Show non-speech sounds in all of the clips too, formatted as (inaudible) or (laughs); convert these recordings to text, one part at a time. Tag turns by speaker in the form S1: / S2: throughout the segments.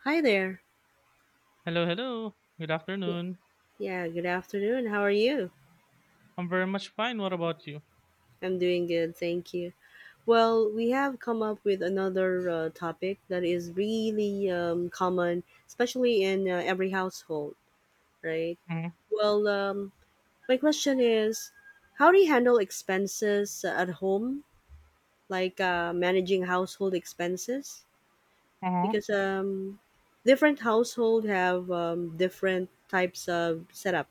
S1: Hi there.
S2: Hello, hello. Good
S1: Yeah,
S2: afternoon.
S1: yeah, good afternoon. How are you?
S2: I'm very much fine. What about you?
S1: I'm doing good, thank you. Well, we have come up with another topic that is really common, especially in every household, right?
S2: Mm-hmm.
S1: Well, um, my question is how do you handle expenses at home, like managing household expenses?
S2: Uh-huh.
S1: Because different household have different types of setup,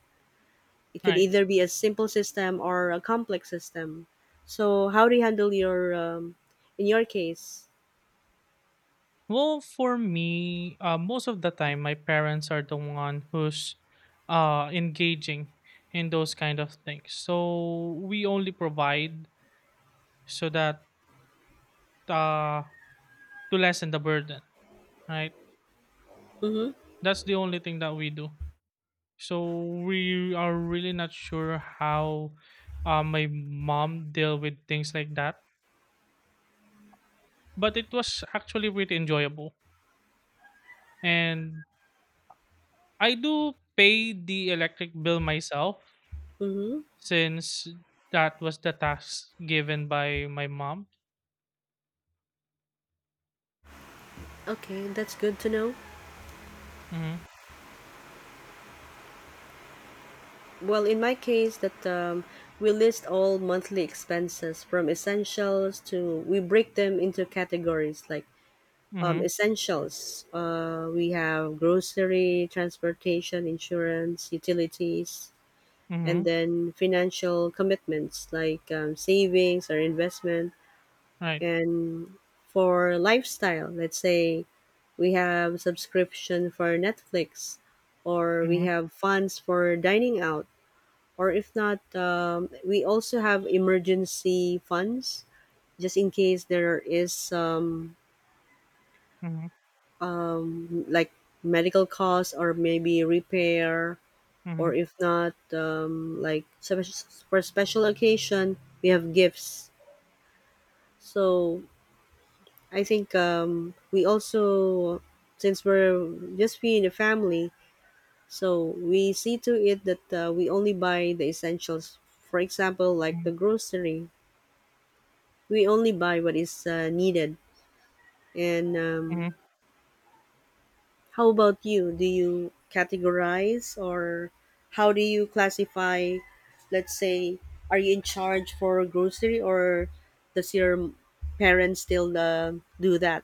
S1: it could
S2: Right.
S1: either be a simple system or a complex system. So how do you handle your in your case?
S2: Well, for me, most of the time, my parents are the one who's engaging in those kind of things. So we only provide so that uh, to lessen the burden, right?
S1: Mm-hmm.
S2: That's the only thing that we do. So we are really not sure how my mom deal with things like that, but it was actually really enjoyable. And I do pay the electric bill myself
S1: Mm-hmm.
S2: since that was the task given by my mom.
S1: Okay, that's good to know.
S2: Mhm.
S1: Well, in my case, that we list all monthly expenses from essentials to we break them into categories like
S2: Mhm.
S1: essentials. We have grocery, transportation, insurance, utilities, and
S2: Mhm.
S1: then financial commitments like savings or investment.
S2: Right.
S1: And for lifestyle, let's say we have subscription for Netflix, or we
S2: Mhm.
S1: have funds for dining out, or if not, we also have emergency funds just in case there is some
S2: Mhm.
S1: like medical costs or maybe repair, or
S2: Mhm.
S1: if not, like for special occasion, we have gifts. So I think we also, since we're just we in a family, so we see to it that we only buy the essentials. For example, like
S2: Mhm.
S1: the grocery, we only buy what is needed. And
S2: Mhm.
S1: how about you? Do you categorize or how do you classify? Let's say, are you in charge for grocery or does your parents still do that?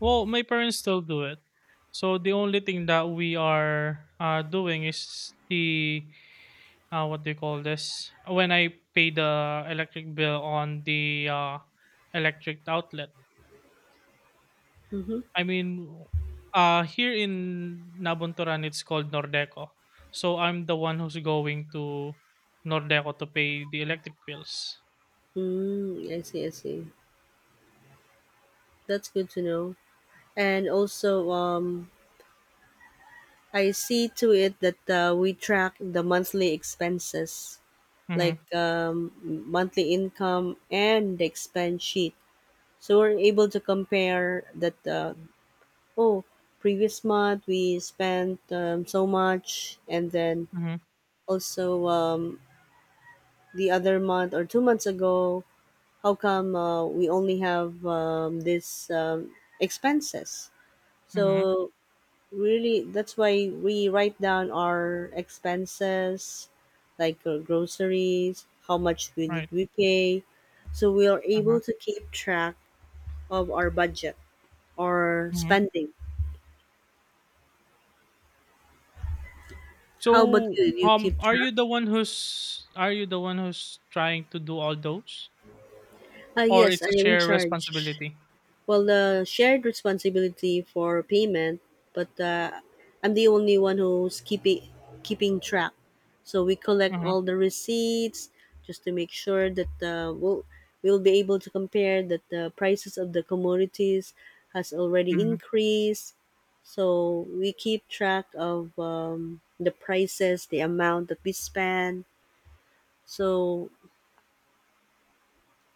S2: Well, my parents still do it. So the only thing that we are doing is the what do you call this? When I pay the electric bill on the electric outlet.
S1: Mm-hmm.
S2: I mean, here in Nabunturan, it's called Nordeco. So I'm the one who's going to Nordeco to pay the electric bills.
S1: Mm, I see. That's good to know. And also, I see to it that we track the monthly expenses, like
S2: Mm-hmm.
S1: monthly income and the expense sheet. So we're able to compare that. Oh, previous month we spent so much, and then
S2: Mm-hmm.
S1: also the other month or 2 months ago, how come we only have this expenses?
S2: Mm-hmm.
S1: So really that's why we write down our expenses like groceries, how much we did
S2: Right.
S1: we pay, so we are able
S2: Uh-huh.
S1: to keep track of our budget or
S2: Mm-hmm.
S1: spending. How about
S2: So,
S1: you? Do you keep
S2: are
S1: track?
S2: you the one who's are you the one who's trying to do all those, or
S1: Yes, I
S2: it's a
S1: am in
S2: shared
S1: charge.
S2: responsibility?
S1: Well, the shared responsibility for payment, but I'm the only one who's keeping track, so we collect
S2: Mm-hmm.
S1: all the receipts just to make sure that uh, we'll be able to compare that the prices of the commodities has already
S2: Mm-hmm.
S1: increased, so we keep track of the prices, the amount that we spend. So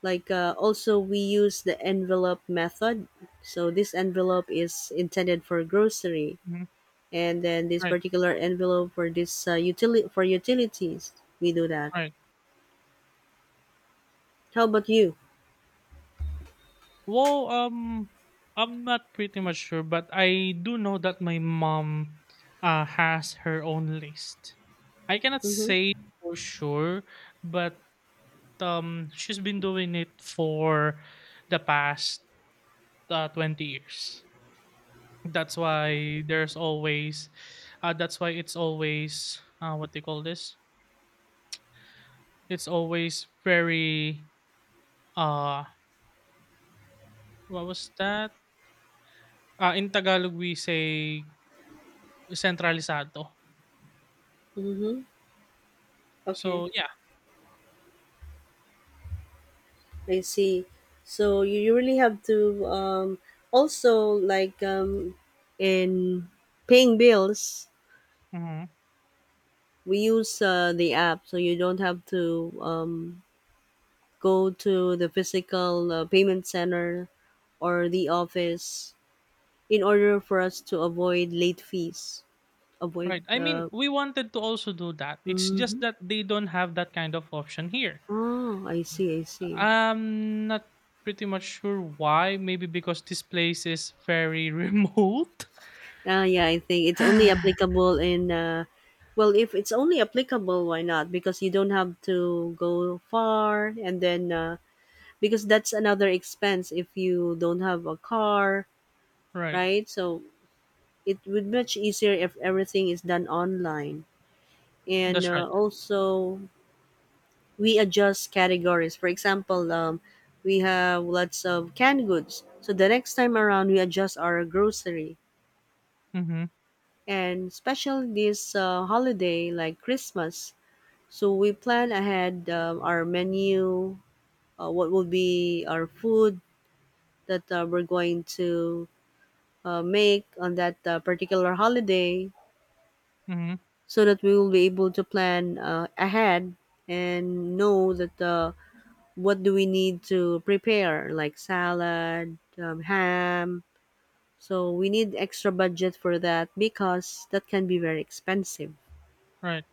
S1: like also we use the envelope method, so this envelope is intended for grocery,
S2: Mm-hmm.
S1: and then this
S2: Right.
S1: particular envelope for this utility for utilities. We do that.
S2: Right.
S1: How about you?
S2: Well, I'm not pretty much sure, but I do know that my mom has her own list. I cannot
S1: Mm-hmm.
S2: say for sure, but she's been doing it for the past 20 years. That's why there's always, that's why it's always, what they call this? It's always very, uh, what was that? In Tagalog, we say centralisado.
S1: Mm-hmm. Okay,
S2: So yeah.
S1: I see. So you really have to also like in paying bills
S2: Mhm.
S1: we use the app so you don't have to go to the physical payment center or the office in order for us to avoid late fees. Avoid
S2: Right. I mean,
S1: the.
S2: we wanted to also do that. It's just
S1: Hmm.
S2: that they don't have that kind of option here.
S1: Oh, I see.
S2: I'm not pretty much sure why. Maybe because this place is very (laughs) remote.
S1: Ah, yeah, I think it's only
S2: (sighs)
S1: applicable in. Well, if it's only applicable, why not? Because you don't have to go far, and then because that's another expense if you don't have a car,
S2: Right.
S1: right? So it would much easier if everything is done online. And
S2: That's right.
S1: also we adjust categories. For example, we have lots of canned goods, so the next time around we adjust our grocery.
S2: Mm-hmm.
S1: And especially this holiday like Christmas, so we plan ahead our menu, what will be our food that we're going to make on that particular holiday,
S2: Mm-hmm.
S1: so that we will be able to plan ahead and know that. What do we need to prepare, like salad, ham, so we need extra budget for that because that can be very expensive.
S2: Right.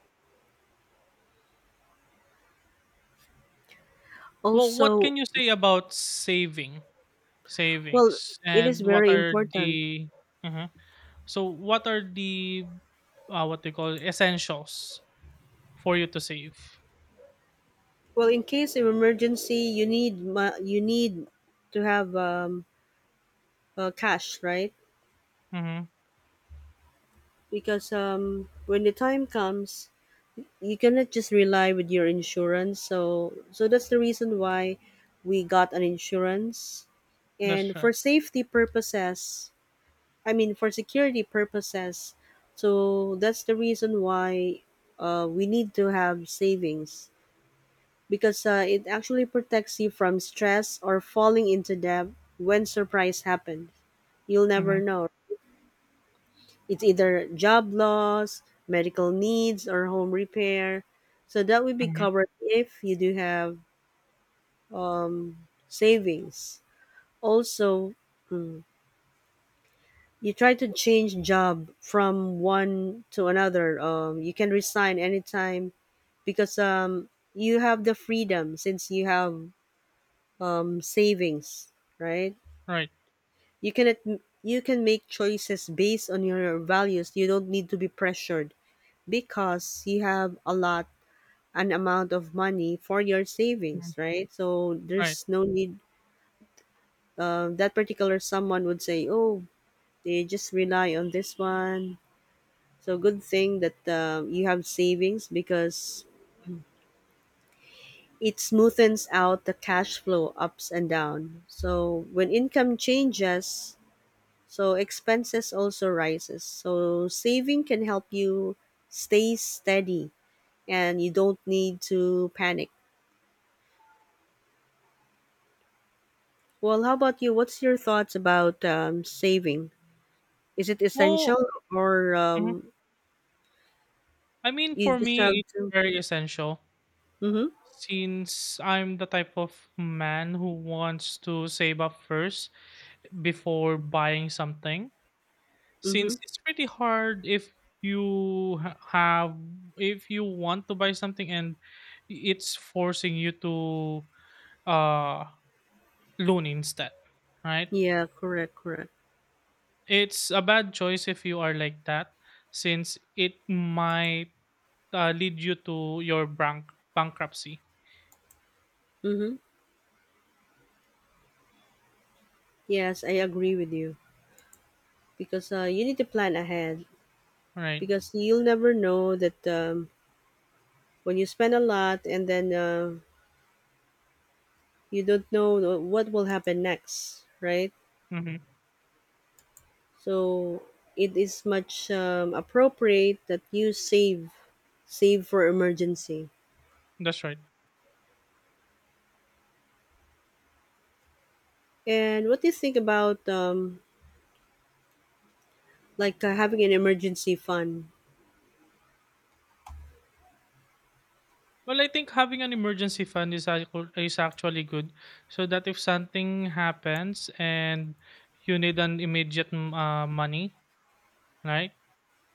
S2: Well, what
S1: Also,
S2: can you say about saving
S1: well,
S2: savings
S1: it is
S2: and what
S1: very
S2: are
S1: important.
S2: the uh so what are the what they call essentials for you to save?
S1: Well, in case of emergency you you need to have cash, right?
S2: Mm-hmm.
S1: Because when the time comes you cannot just rely with your insurance, so that's the reason why we got an insurance
S2: That's
S1: and for
S2: right.
S1: safety purposes. I mean, for security purposes. So that's the reason why we need to have savings, because it actually protects you from stress or falling into debt when surprise happens. You'll never
S2: Mm-hmm.
S1: know. It's either job loss, medical needs, or home repair. So that will be
S2: Mhm.
S1: covered if you do have savings. Also, hmm, you try to change job from one to another, you can resign anytime because you have the freedom since you have savings, right?
S2: Right.
S1: You you can make choices based on your values, you don't need to be pressured because you have a lot, an amount of money for your
S2: Mhm.
S1: savings, right? So
S2: Right.
S1: there's no need, that particular someone would say, oh, they just rely on this one. So good thing that you have savings because it smoothens out the cash flow ups and down. So when income changes, so expenses also rises. So saving can help you stay steady and you don't need to panic. Well, how about you? What's your thoughts about saving? Is it
S2: Well,
S1: essential or
S2: mhm. I mean,
S1: you
S2: for
S1: just
S2: me,
S1: have to?
S2: it's very essential
S1: Mm-hmm.
S2: since I'm the type of man who wants to save up first before buying something.
S1: Mm-hmm.
S2: Since it's pretty hard if you ha- have if you want to buy something and it's forcing you to uh loan instead, right?
S1: Yeah, correct, correct.
S2: It's a bad choice if you are like that, since it might lead you to your bankruptcy,
S1: Mm-hmm. Yes, I agree with you. Because you need to plan ahead,
S2: right?
S1: because you'll never know that when you spend a lot and then you don't know what will happen next, right?
S2: Mhm.
S1: So it is much appropriate that you save, save for emergency.
S2: That's right.
S1: And what do you think about like having an emergency fund?
S2: Well, I think having an emergency fund is is actually good, so that if something happens and you need an immediate money, right?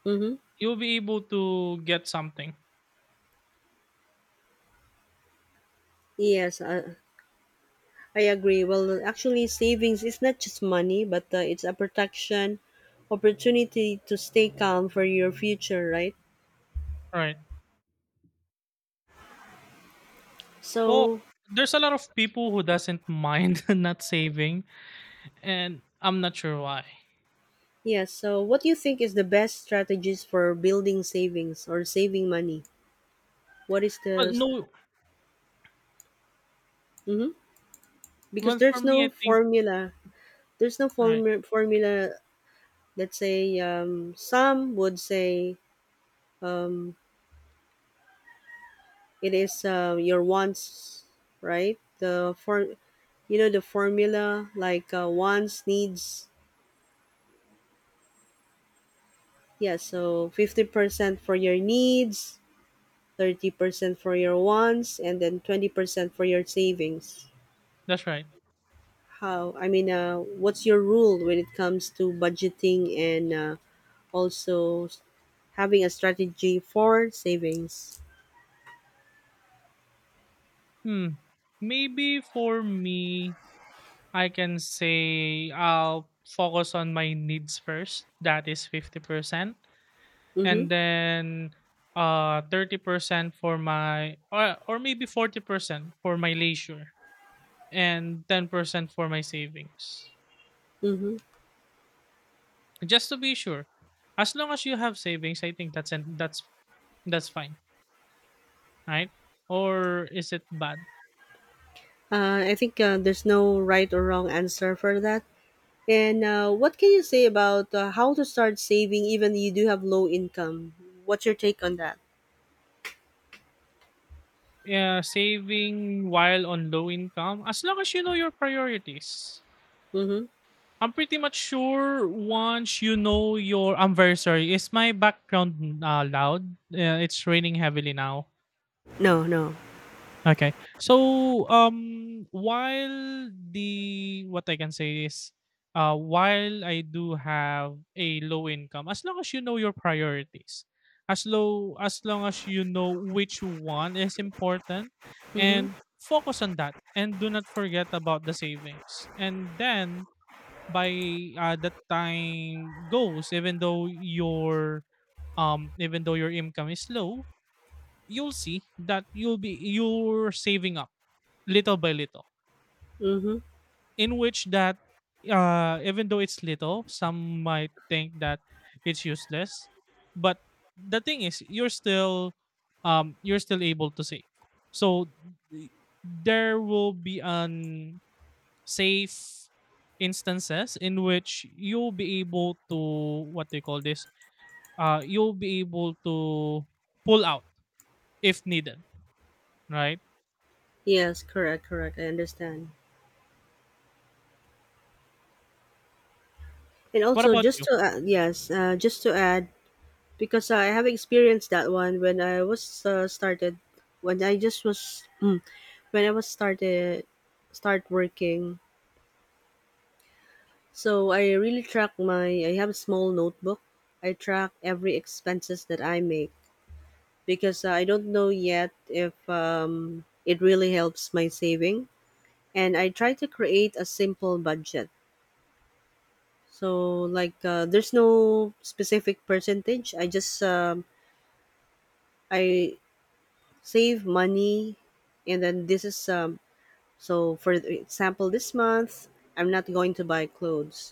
S1: Mm-hmm.
S2: You'll be able to get something,
S1: Yes, I agree. Well, actually, savings is not just money, but it's a protection, opportunity to stay calm for your future, right?
S2: right? Well,
S1: So,
S2: there's a lot of people who doesn't mind (laughs) not saving, and I'm not sure why.
S1: yeah, so what do you think is the best strategies for building savings or saving money? What is
S2: Well,
S1: the.
S2: no.
S1: Mm-hmm. Because
S2: Well, for
S1: there's
S2: me,
S1: no
S2: I think
S1: formula. There's no
S2: right.
S1: formu- formula. Let's say some would say um. It is your wants, right? The for, you know the formula like wants needs. Yeah, so 50% for your needs, 30% for your wants, and then 20% for your savings.
S2: That's right.
S1: How I mean, what's your rule when it comes to budgeting and also having a strategy for savings?
S2: Hmm. Maybe for me, I can say I'll focus on my needs first. That is 50%.
S1: Mm-hmm.
S2: And then 30% for my or maybe 40% for my leisure and 10% for my savings.
S1: Mm-hmm.
S2: Just to be sure. As long as you have savings, I think that's fine, right? Or is it bad?
S1: I think there's no right or wrong answer for that. And what can you say about how to start saving even you do have low income? What's your take on that?
S2: Yeah, saving while on low income as long as you know your priorities.
S1: Mm-hmm.
S2: I'm pretty much sure once you know your. I'm very sorry. Is my background loud? It's raining heavily now.
S1: No, no.
S2: Okay. So while the what I can say is, while I do have a low income, as long as you know your priorities, as long as you know which one is important,
S1: Mm-hmm.
S2: and focus on that, and do not forget about the savings, and then by that time goes, even though your income is low, you'll see that you're saving up little by little,
S1: Mm-hmm.
S2: in which that even though it's little, some might think that it's useless, but the thing is you're still able to save. So th- there will be an safe instances in which you'll be able to what they call this, you'll be able to pull out if needed, right?
S1: Yes, correct, correct. I understand. And
S2: What
S1: also,
S2: about
S1: just
S2: you?
S1: to add, yes, just to add, because I have experienced that one when I was started, when I just was, (clears throat) mm, when I was started, start working. So I really track my. I have a small notebook. I track every expenses that I make because I don't know yet if it really helps my saving. And I try to create a simple budget. So like there's no specific percentage. I save money, and then this is so for example this month I'm not going to buy clothes.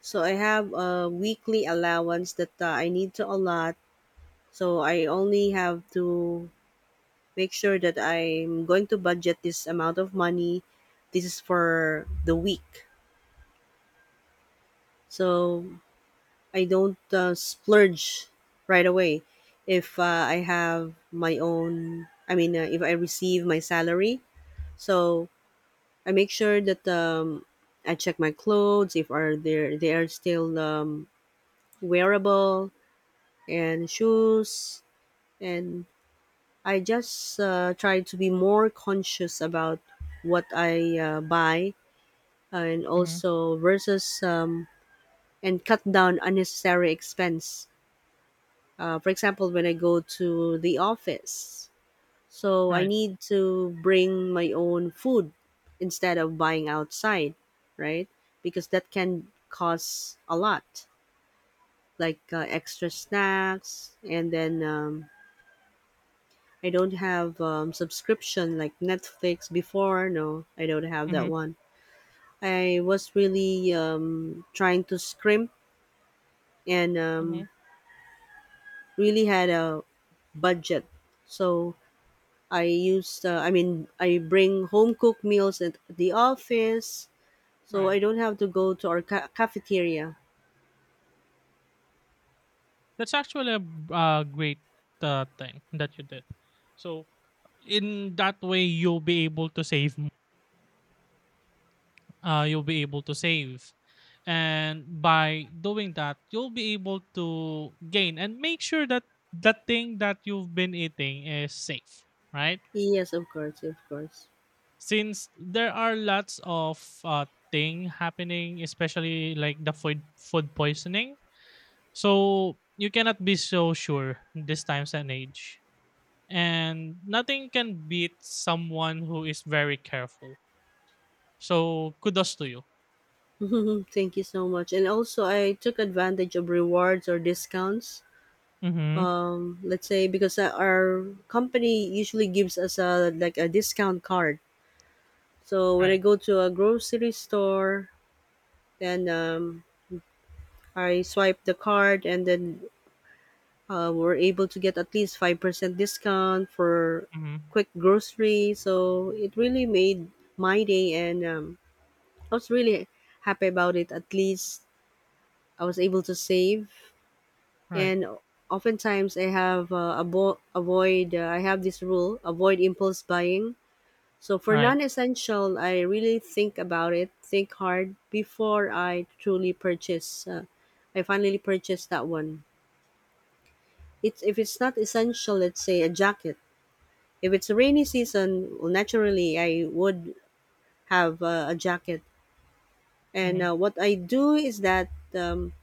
S1: So I have a weekly allowance that I need to allot. So I only have to make sure that I'm going to budget this amount of money. This is for the week. So I don't splurge right away. If I have my own, I mean, if I receive my salary, so I make sure that I check my clothes if are there they are still wearable, and shoes, and I just try to be more conscious about what I buy, and
S2: Hmm.
S1: also versus and cut down unnecessary expense. For example, when I go to the office, so I
S2: Right.
S1: need to bring my own food instead of buying outside, right? Because that can cost a lot, like extra snacks, and then I don't have subscription like Netflix before. No, I don't have
S2: Hmm.
S1: that one. I was really trying to scrimp and
S2: Hmm.
S1: really had a budget. So I used, I mean, I bring home cooked meals at the office, so I
S2: Right,
S1: don't have to go to our cafeteria.
S2: that's actually a great thing that you did. So in that way you'll be able to save, uh, you'll be able to save. And by doing that, you'll be able to gain and make sure that the thing that you've been eating is safe, right?
S1: Yes, of course, of course.
S2: Since there are lots of uh, thing happening, especially like the food poisoning, so you cannot be so sure in this times and age. And nothing can beat someone who is very careful. So kudos to you.
S1: (laughs) Thank you so much. And also, I took advantage of rewards or discounts.
S2: Mm-hmm.
S1: Let's say because our company usually gives us a like a discount card. So when I
S2: Right.
S1: go to a grocery store, then I swipe the card, and then we're able to get at least 5% discount for
S2: Mm-hmm.
S1: quick grocery. So it really made my day, and I was really happy about it. At least I was able to save.
S2: Right.
S1: And oftentimes, I have avoid, I have this rule, avoid impulse buying. So for
S2: Right.
S1: non essential, I really think about it, think hard before I truly purchase. I finally purchased that one. It's If it's not essential, let's say a jacket. If it's a rainy season, well, naturally I would have a jacket. And
S2: Mhm,
S1: uh, what I do is that um,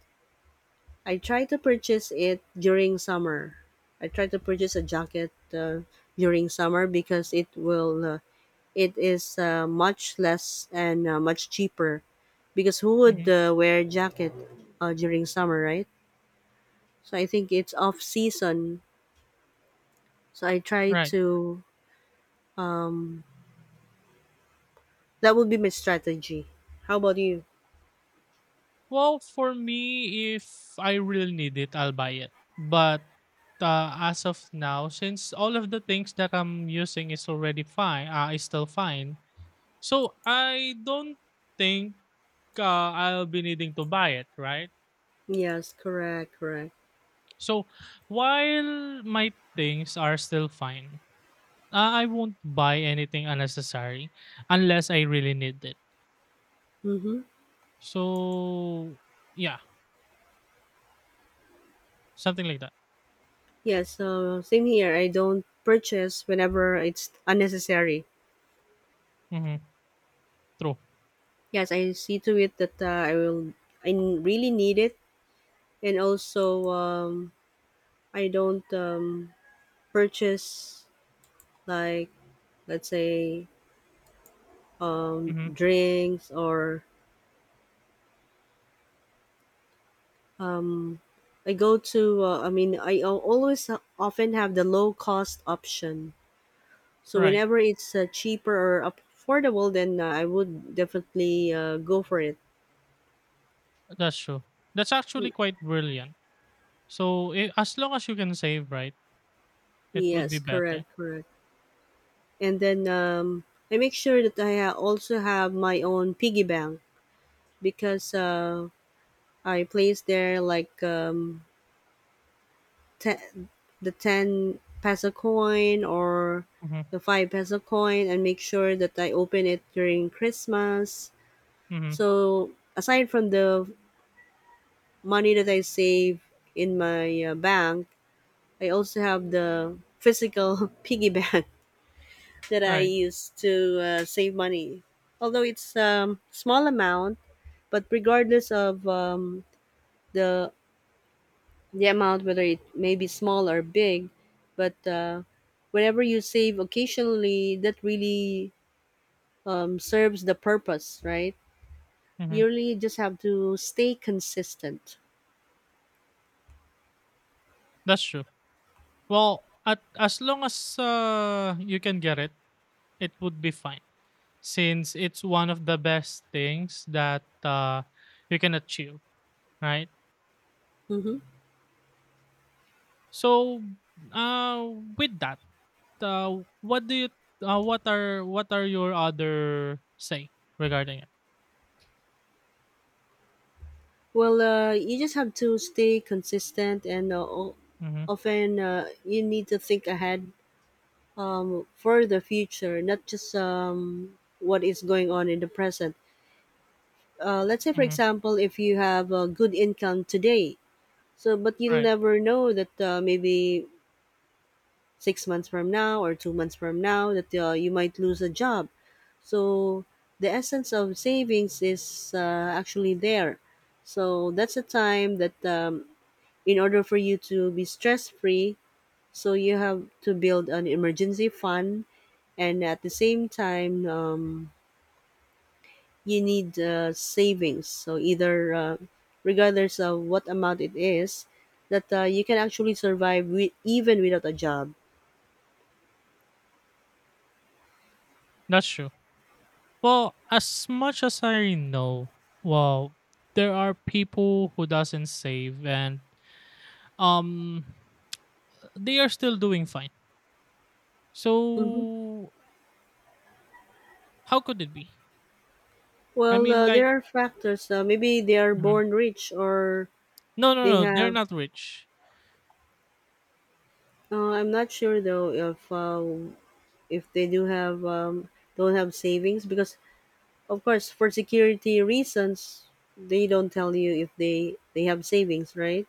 S1: I try to purchase it during summer. I try to purchase a jacket during summer because it is much less and much cheaper. Because who would
S2: mhm,
S1: wear a jacket during summer, right? So I think it's off season. So I try
S2: right.
S1: to. That would be my strategy. How about you?
S2: Well, for me, if I really need it, I'll buy it. But as of now, since all of the things that I'm using is already fine, is still fine, so I don't think I'll be needing to buy it, right?
S1: Yes, correct, correct.
S2: So while my things are still fine, I won't buy anything unnecessary unless I really need it.
S1: Mm-hmm.
S2: So yeah, something like that.
S1: Yes, same here. I don't purchase whenever it's unnecessary.
S2: Mm-hmm. True.
S1: Yes, I see to it that I will. I really need it, and also I don't purchase, like let's say
S2: Mm-hmm.
S1: drinks or um, I go to. I mean, always often have the low cost option. So
S2: Right.
S1: whenever it's cheaper or affordable, then I would definitely go for it.
S2: That's true. That's actually quite brilliant. So I as long as you can save, right, it would
S1: Yes,
S2: be
S1: correct,
S2: better.
S1: correct. And then I make sure that I also have my own piggy bank because I place there, like te- the 10 peso coin or
S2: Hmm.
S1: the 5 peso coin, and make sure that I open it during Christmas.
S2: Hmm.
S1: So aside from the money that I save in my bank, I also have the physical (laughs) piggy bank that I
S2: Right.
S1: use to save money. Although it's small amount, but regardless of the the amount, whether it may be small or big, but whenever you save occasionally, that really serves the purpose, right?
S2: Hmm.
S1: You really just have to stay consistent.
S2: That's true. Well, as long as you can get it, it would be fine. Since it's one of the best things that you can achieve, right?
S1: Hmm.
S2: So, uh, with that, what do you? What are your other say regarding it?
S1: Well, you just have to stay consistent, and
S2: Hmm.
S1: often you need to think ahead for the future, not just what is going on in the present. Let's say, for
S2: Hmm.
S1: example, if you have a good income today, so but you'll
S2: Right.
S1: never know that maybe 6 months from now or 2 months from now that you might lose a job. So the essence of savings is actually there. So that's a time that in order for you to be stress free, so you have to build an emergency fund, and at the same time you need savings, so either regardless of what amount it is that you can actually survive with, even without a job.
S2: That's true. Well, as much as I know, well, there are people who doesn't save, and um they are still doing fine.
S1: Hmm.
S2: So how could it be? I
S1: Well,
S2: mean,
S1: there
S2: like,
S1: are factors. Maybe they are
S2: mhm,
S1: born rich, or
S2: no no
S1: they
S2: no, they're
S1: have
S2: not rich.
S1: I'm not sure though if they do have don't have savings, because of course, for security reasons, they don't tell you if they have savings, right?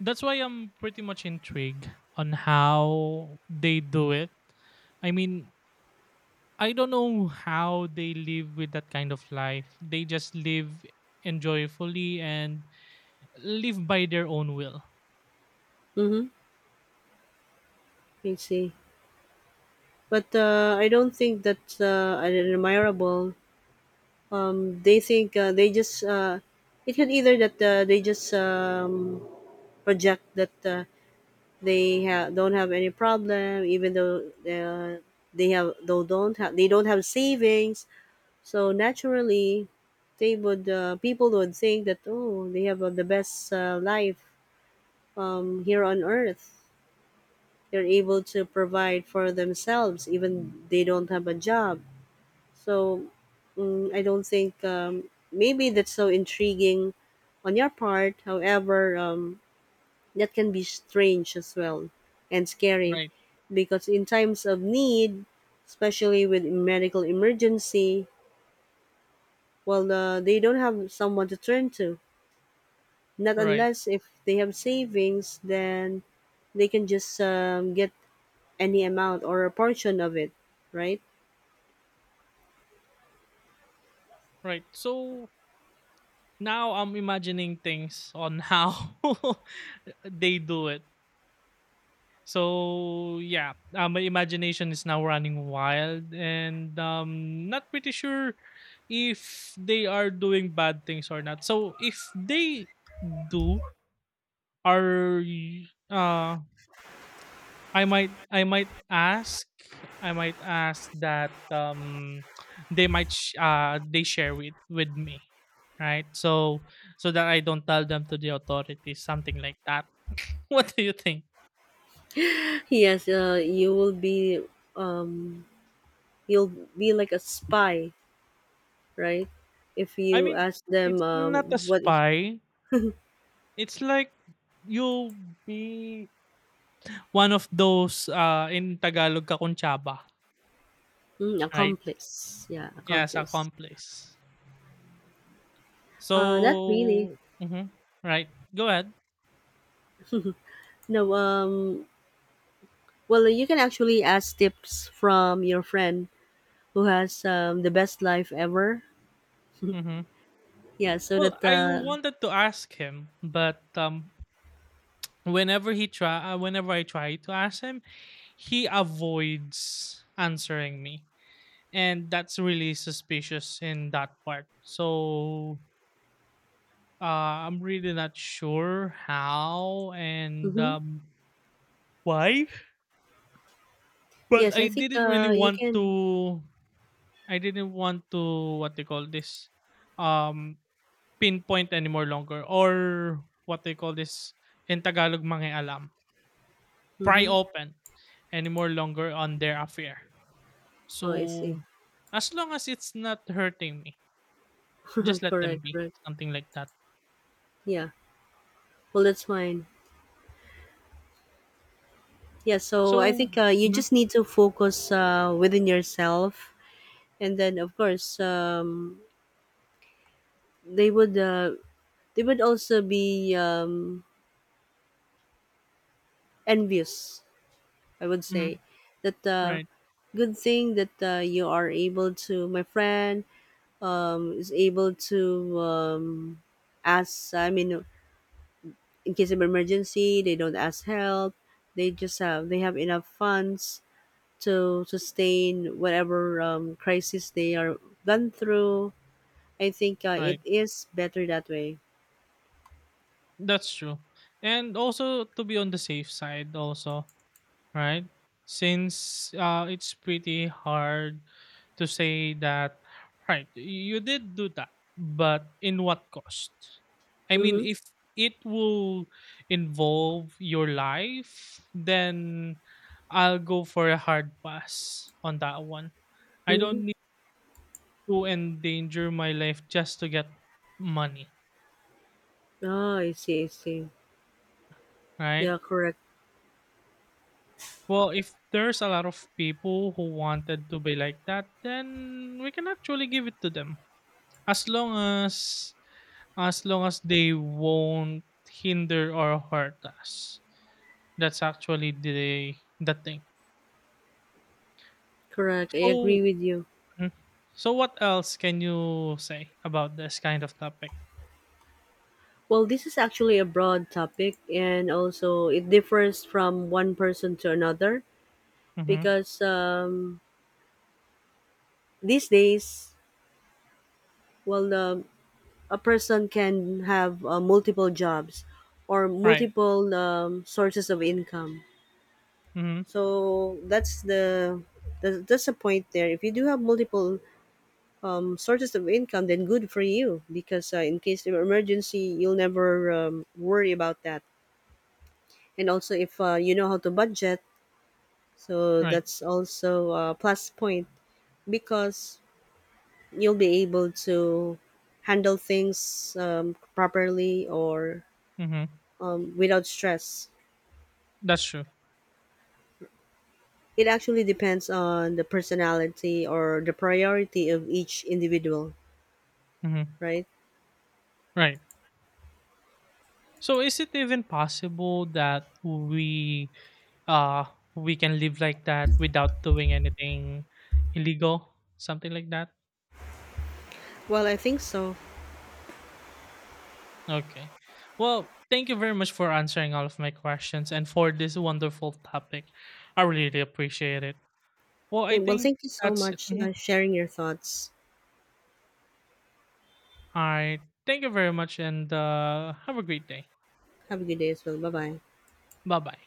S2: That's why I'm pretty much intrigued on how they do it. I mean, I don't know how they live with that kind of life. They just live enjoyfully and live by their own will.
S1: Mm-hmm. I see. But I don't think that's admirable. They think they just it could either that they just project that they don't have any problem, even though they have though don't have they don't have savings. So naturally, they would people would think that, oh, they have the best life here on earth. They're able to provide for themselves, even they don't have a job. So I don't think maybe that's so intriguing on your part. However, that can be strange as well, and scary,
S2: Right.
S1: because in times of need, especially with medical emergency, well, they don't have someone to turn to. Not
S2: Right.
S1: unless if they have savings, then they can just get any amount or a portion of it, right?
S2: Right. So now I'm imagining things on how (laughs) they do it. So yeah, my imagination is now running wild, and not pretty sure if they are doing bad things or not. So if they do, are y- uh I might I might ask I might ask that they share with me, right? So so that I don't tell them to the authorities, something like that. (laughs) What do you think?
S1: (laughs) Yes, you will be um, you'll be like a spy, right? If
S2: I
S1: you
S2: mean,
S1: ask them,
S2: it's not a
S1: what is
S2: spy, it's like you'll be one of those in Tagalog kakunchaba, right?
S1: accomplice? Yeah,
S2: Yes,
S1: accomplice.
S2: accomplice.
S1: Not really.
S2: So mhm, right, go ahead.
S1: No. Well, you can actually ask tips from your friend who has the best life ever.
S2: Mhm.
S1: Yeah. So
S2: Well,
S1: that.
S2: I wanted to ask him, but whenever I try to ask him, he avoids answering me, and that's really suspicious in that part. So I'm really not sure how and
S1: Mm-hmm.
S2: why, but
S1: Yes, I
S2: I
S1: think
S2: didn't really
S1: you
S2: want
S1: can.
S2: to. I didn't want to what they call this, um, pinpoint anymore longer, or what they call this in Tagalog mga alam, pry
S1: Mm-hmm.
S2: open any more longer on their affair.
S1: Oh, I see.
S2: So, as long as it's not hurting me, just
S1: (laughs)
S2: let
S1: Correct.
S2: them be,
S1: Correct.
S2: something like that.
S1: Yeah. Well, that's fine. Yeah. So I
S2: So
S1: think you
S2: mhm,
S1: just need to focus within yourself, and then of course they would uh, they would also be envious, I would
S2: mhm,
S1: say, that
S2: right,
S1: good thing that you are able to, my friend is able to ask. I mean, in case of emergency, they don't ask help. They have enough funds to sustain whatever crisis they are gone through. I think it
S2: right.
S1: is better that way.
S2: That's true. And also to be on the safe side also, right? Since it's pretty hard to say that, right, you did do that, but in what cost? I mean,
S1: Mm-hmm.
S2: if it will involve your life, then I'll go for a hard pass on that one. I
S1: Mm-hmm.
S2: don't need to endanger my life just to get money,
S1: Ah, I see, I see.
S2: right?
S1: Yeah, correct,
S2: Well, if there's a lot of people who wanted to be like that, then we can actually give it to them. As long as as long as they won't hinder or hurt us. That's actually the thing.
S1: correct. I
S2: So
S1: agree with you.
S2: mhm. So what else can you say about this kind of topic?
S1: Well, this is actually a broad topic, and also it differs from one person to another,
S2: Mm-hmm.
S1: because these days, well, a person can have multiple jobs or
S2: Right.
S1: multiple sources of income.
S2: Mm-hmm.
S1: So that's the point there. If you do have multiple sources of income, then good for you, because in case of emergency, you'll never worry about that. And also, if you know how to budget, so
S2: Right.
S1: that's also a plus point, because you'll be able to handle things properly or
S2: Mm-hmm.
S1: without stress.
S2: That's true.
S1: It actually depends on the personality or the priority of each individual,
S2: Mm-hmm.
S1: right?
S2: Right. So is it even possible that uh we can live like that without doing anything illegal? Something like that?
S1: Well, I think so.
S2: Okay. Well, thank you very much for answering all of my questions and for this wonderful topic. I really appreciate it. Well,
S1: Yeah.
S2: I
S1: Well,
S2: think
S1: thank you so
S2: that's it.
S1: much
S2: Mhm.
S1: sharing your thoughts.
S2: All right. Thank you very much and have a great day.
S1: Have a good day as well. Bye bye.
S2: Bye bye.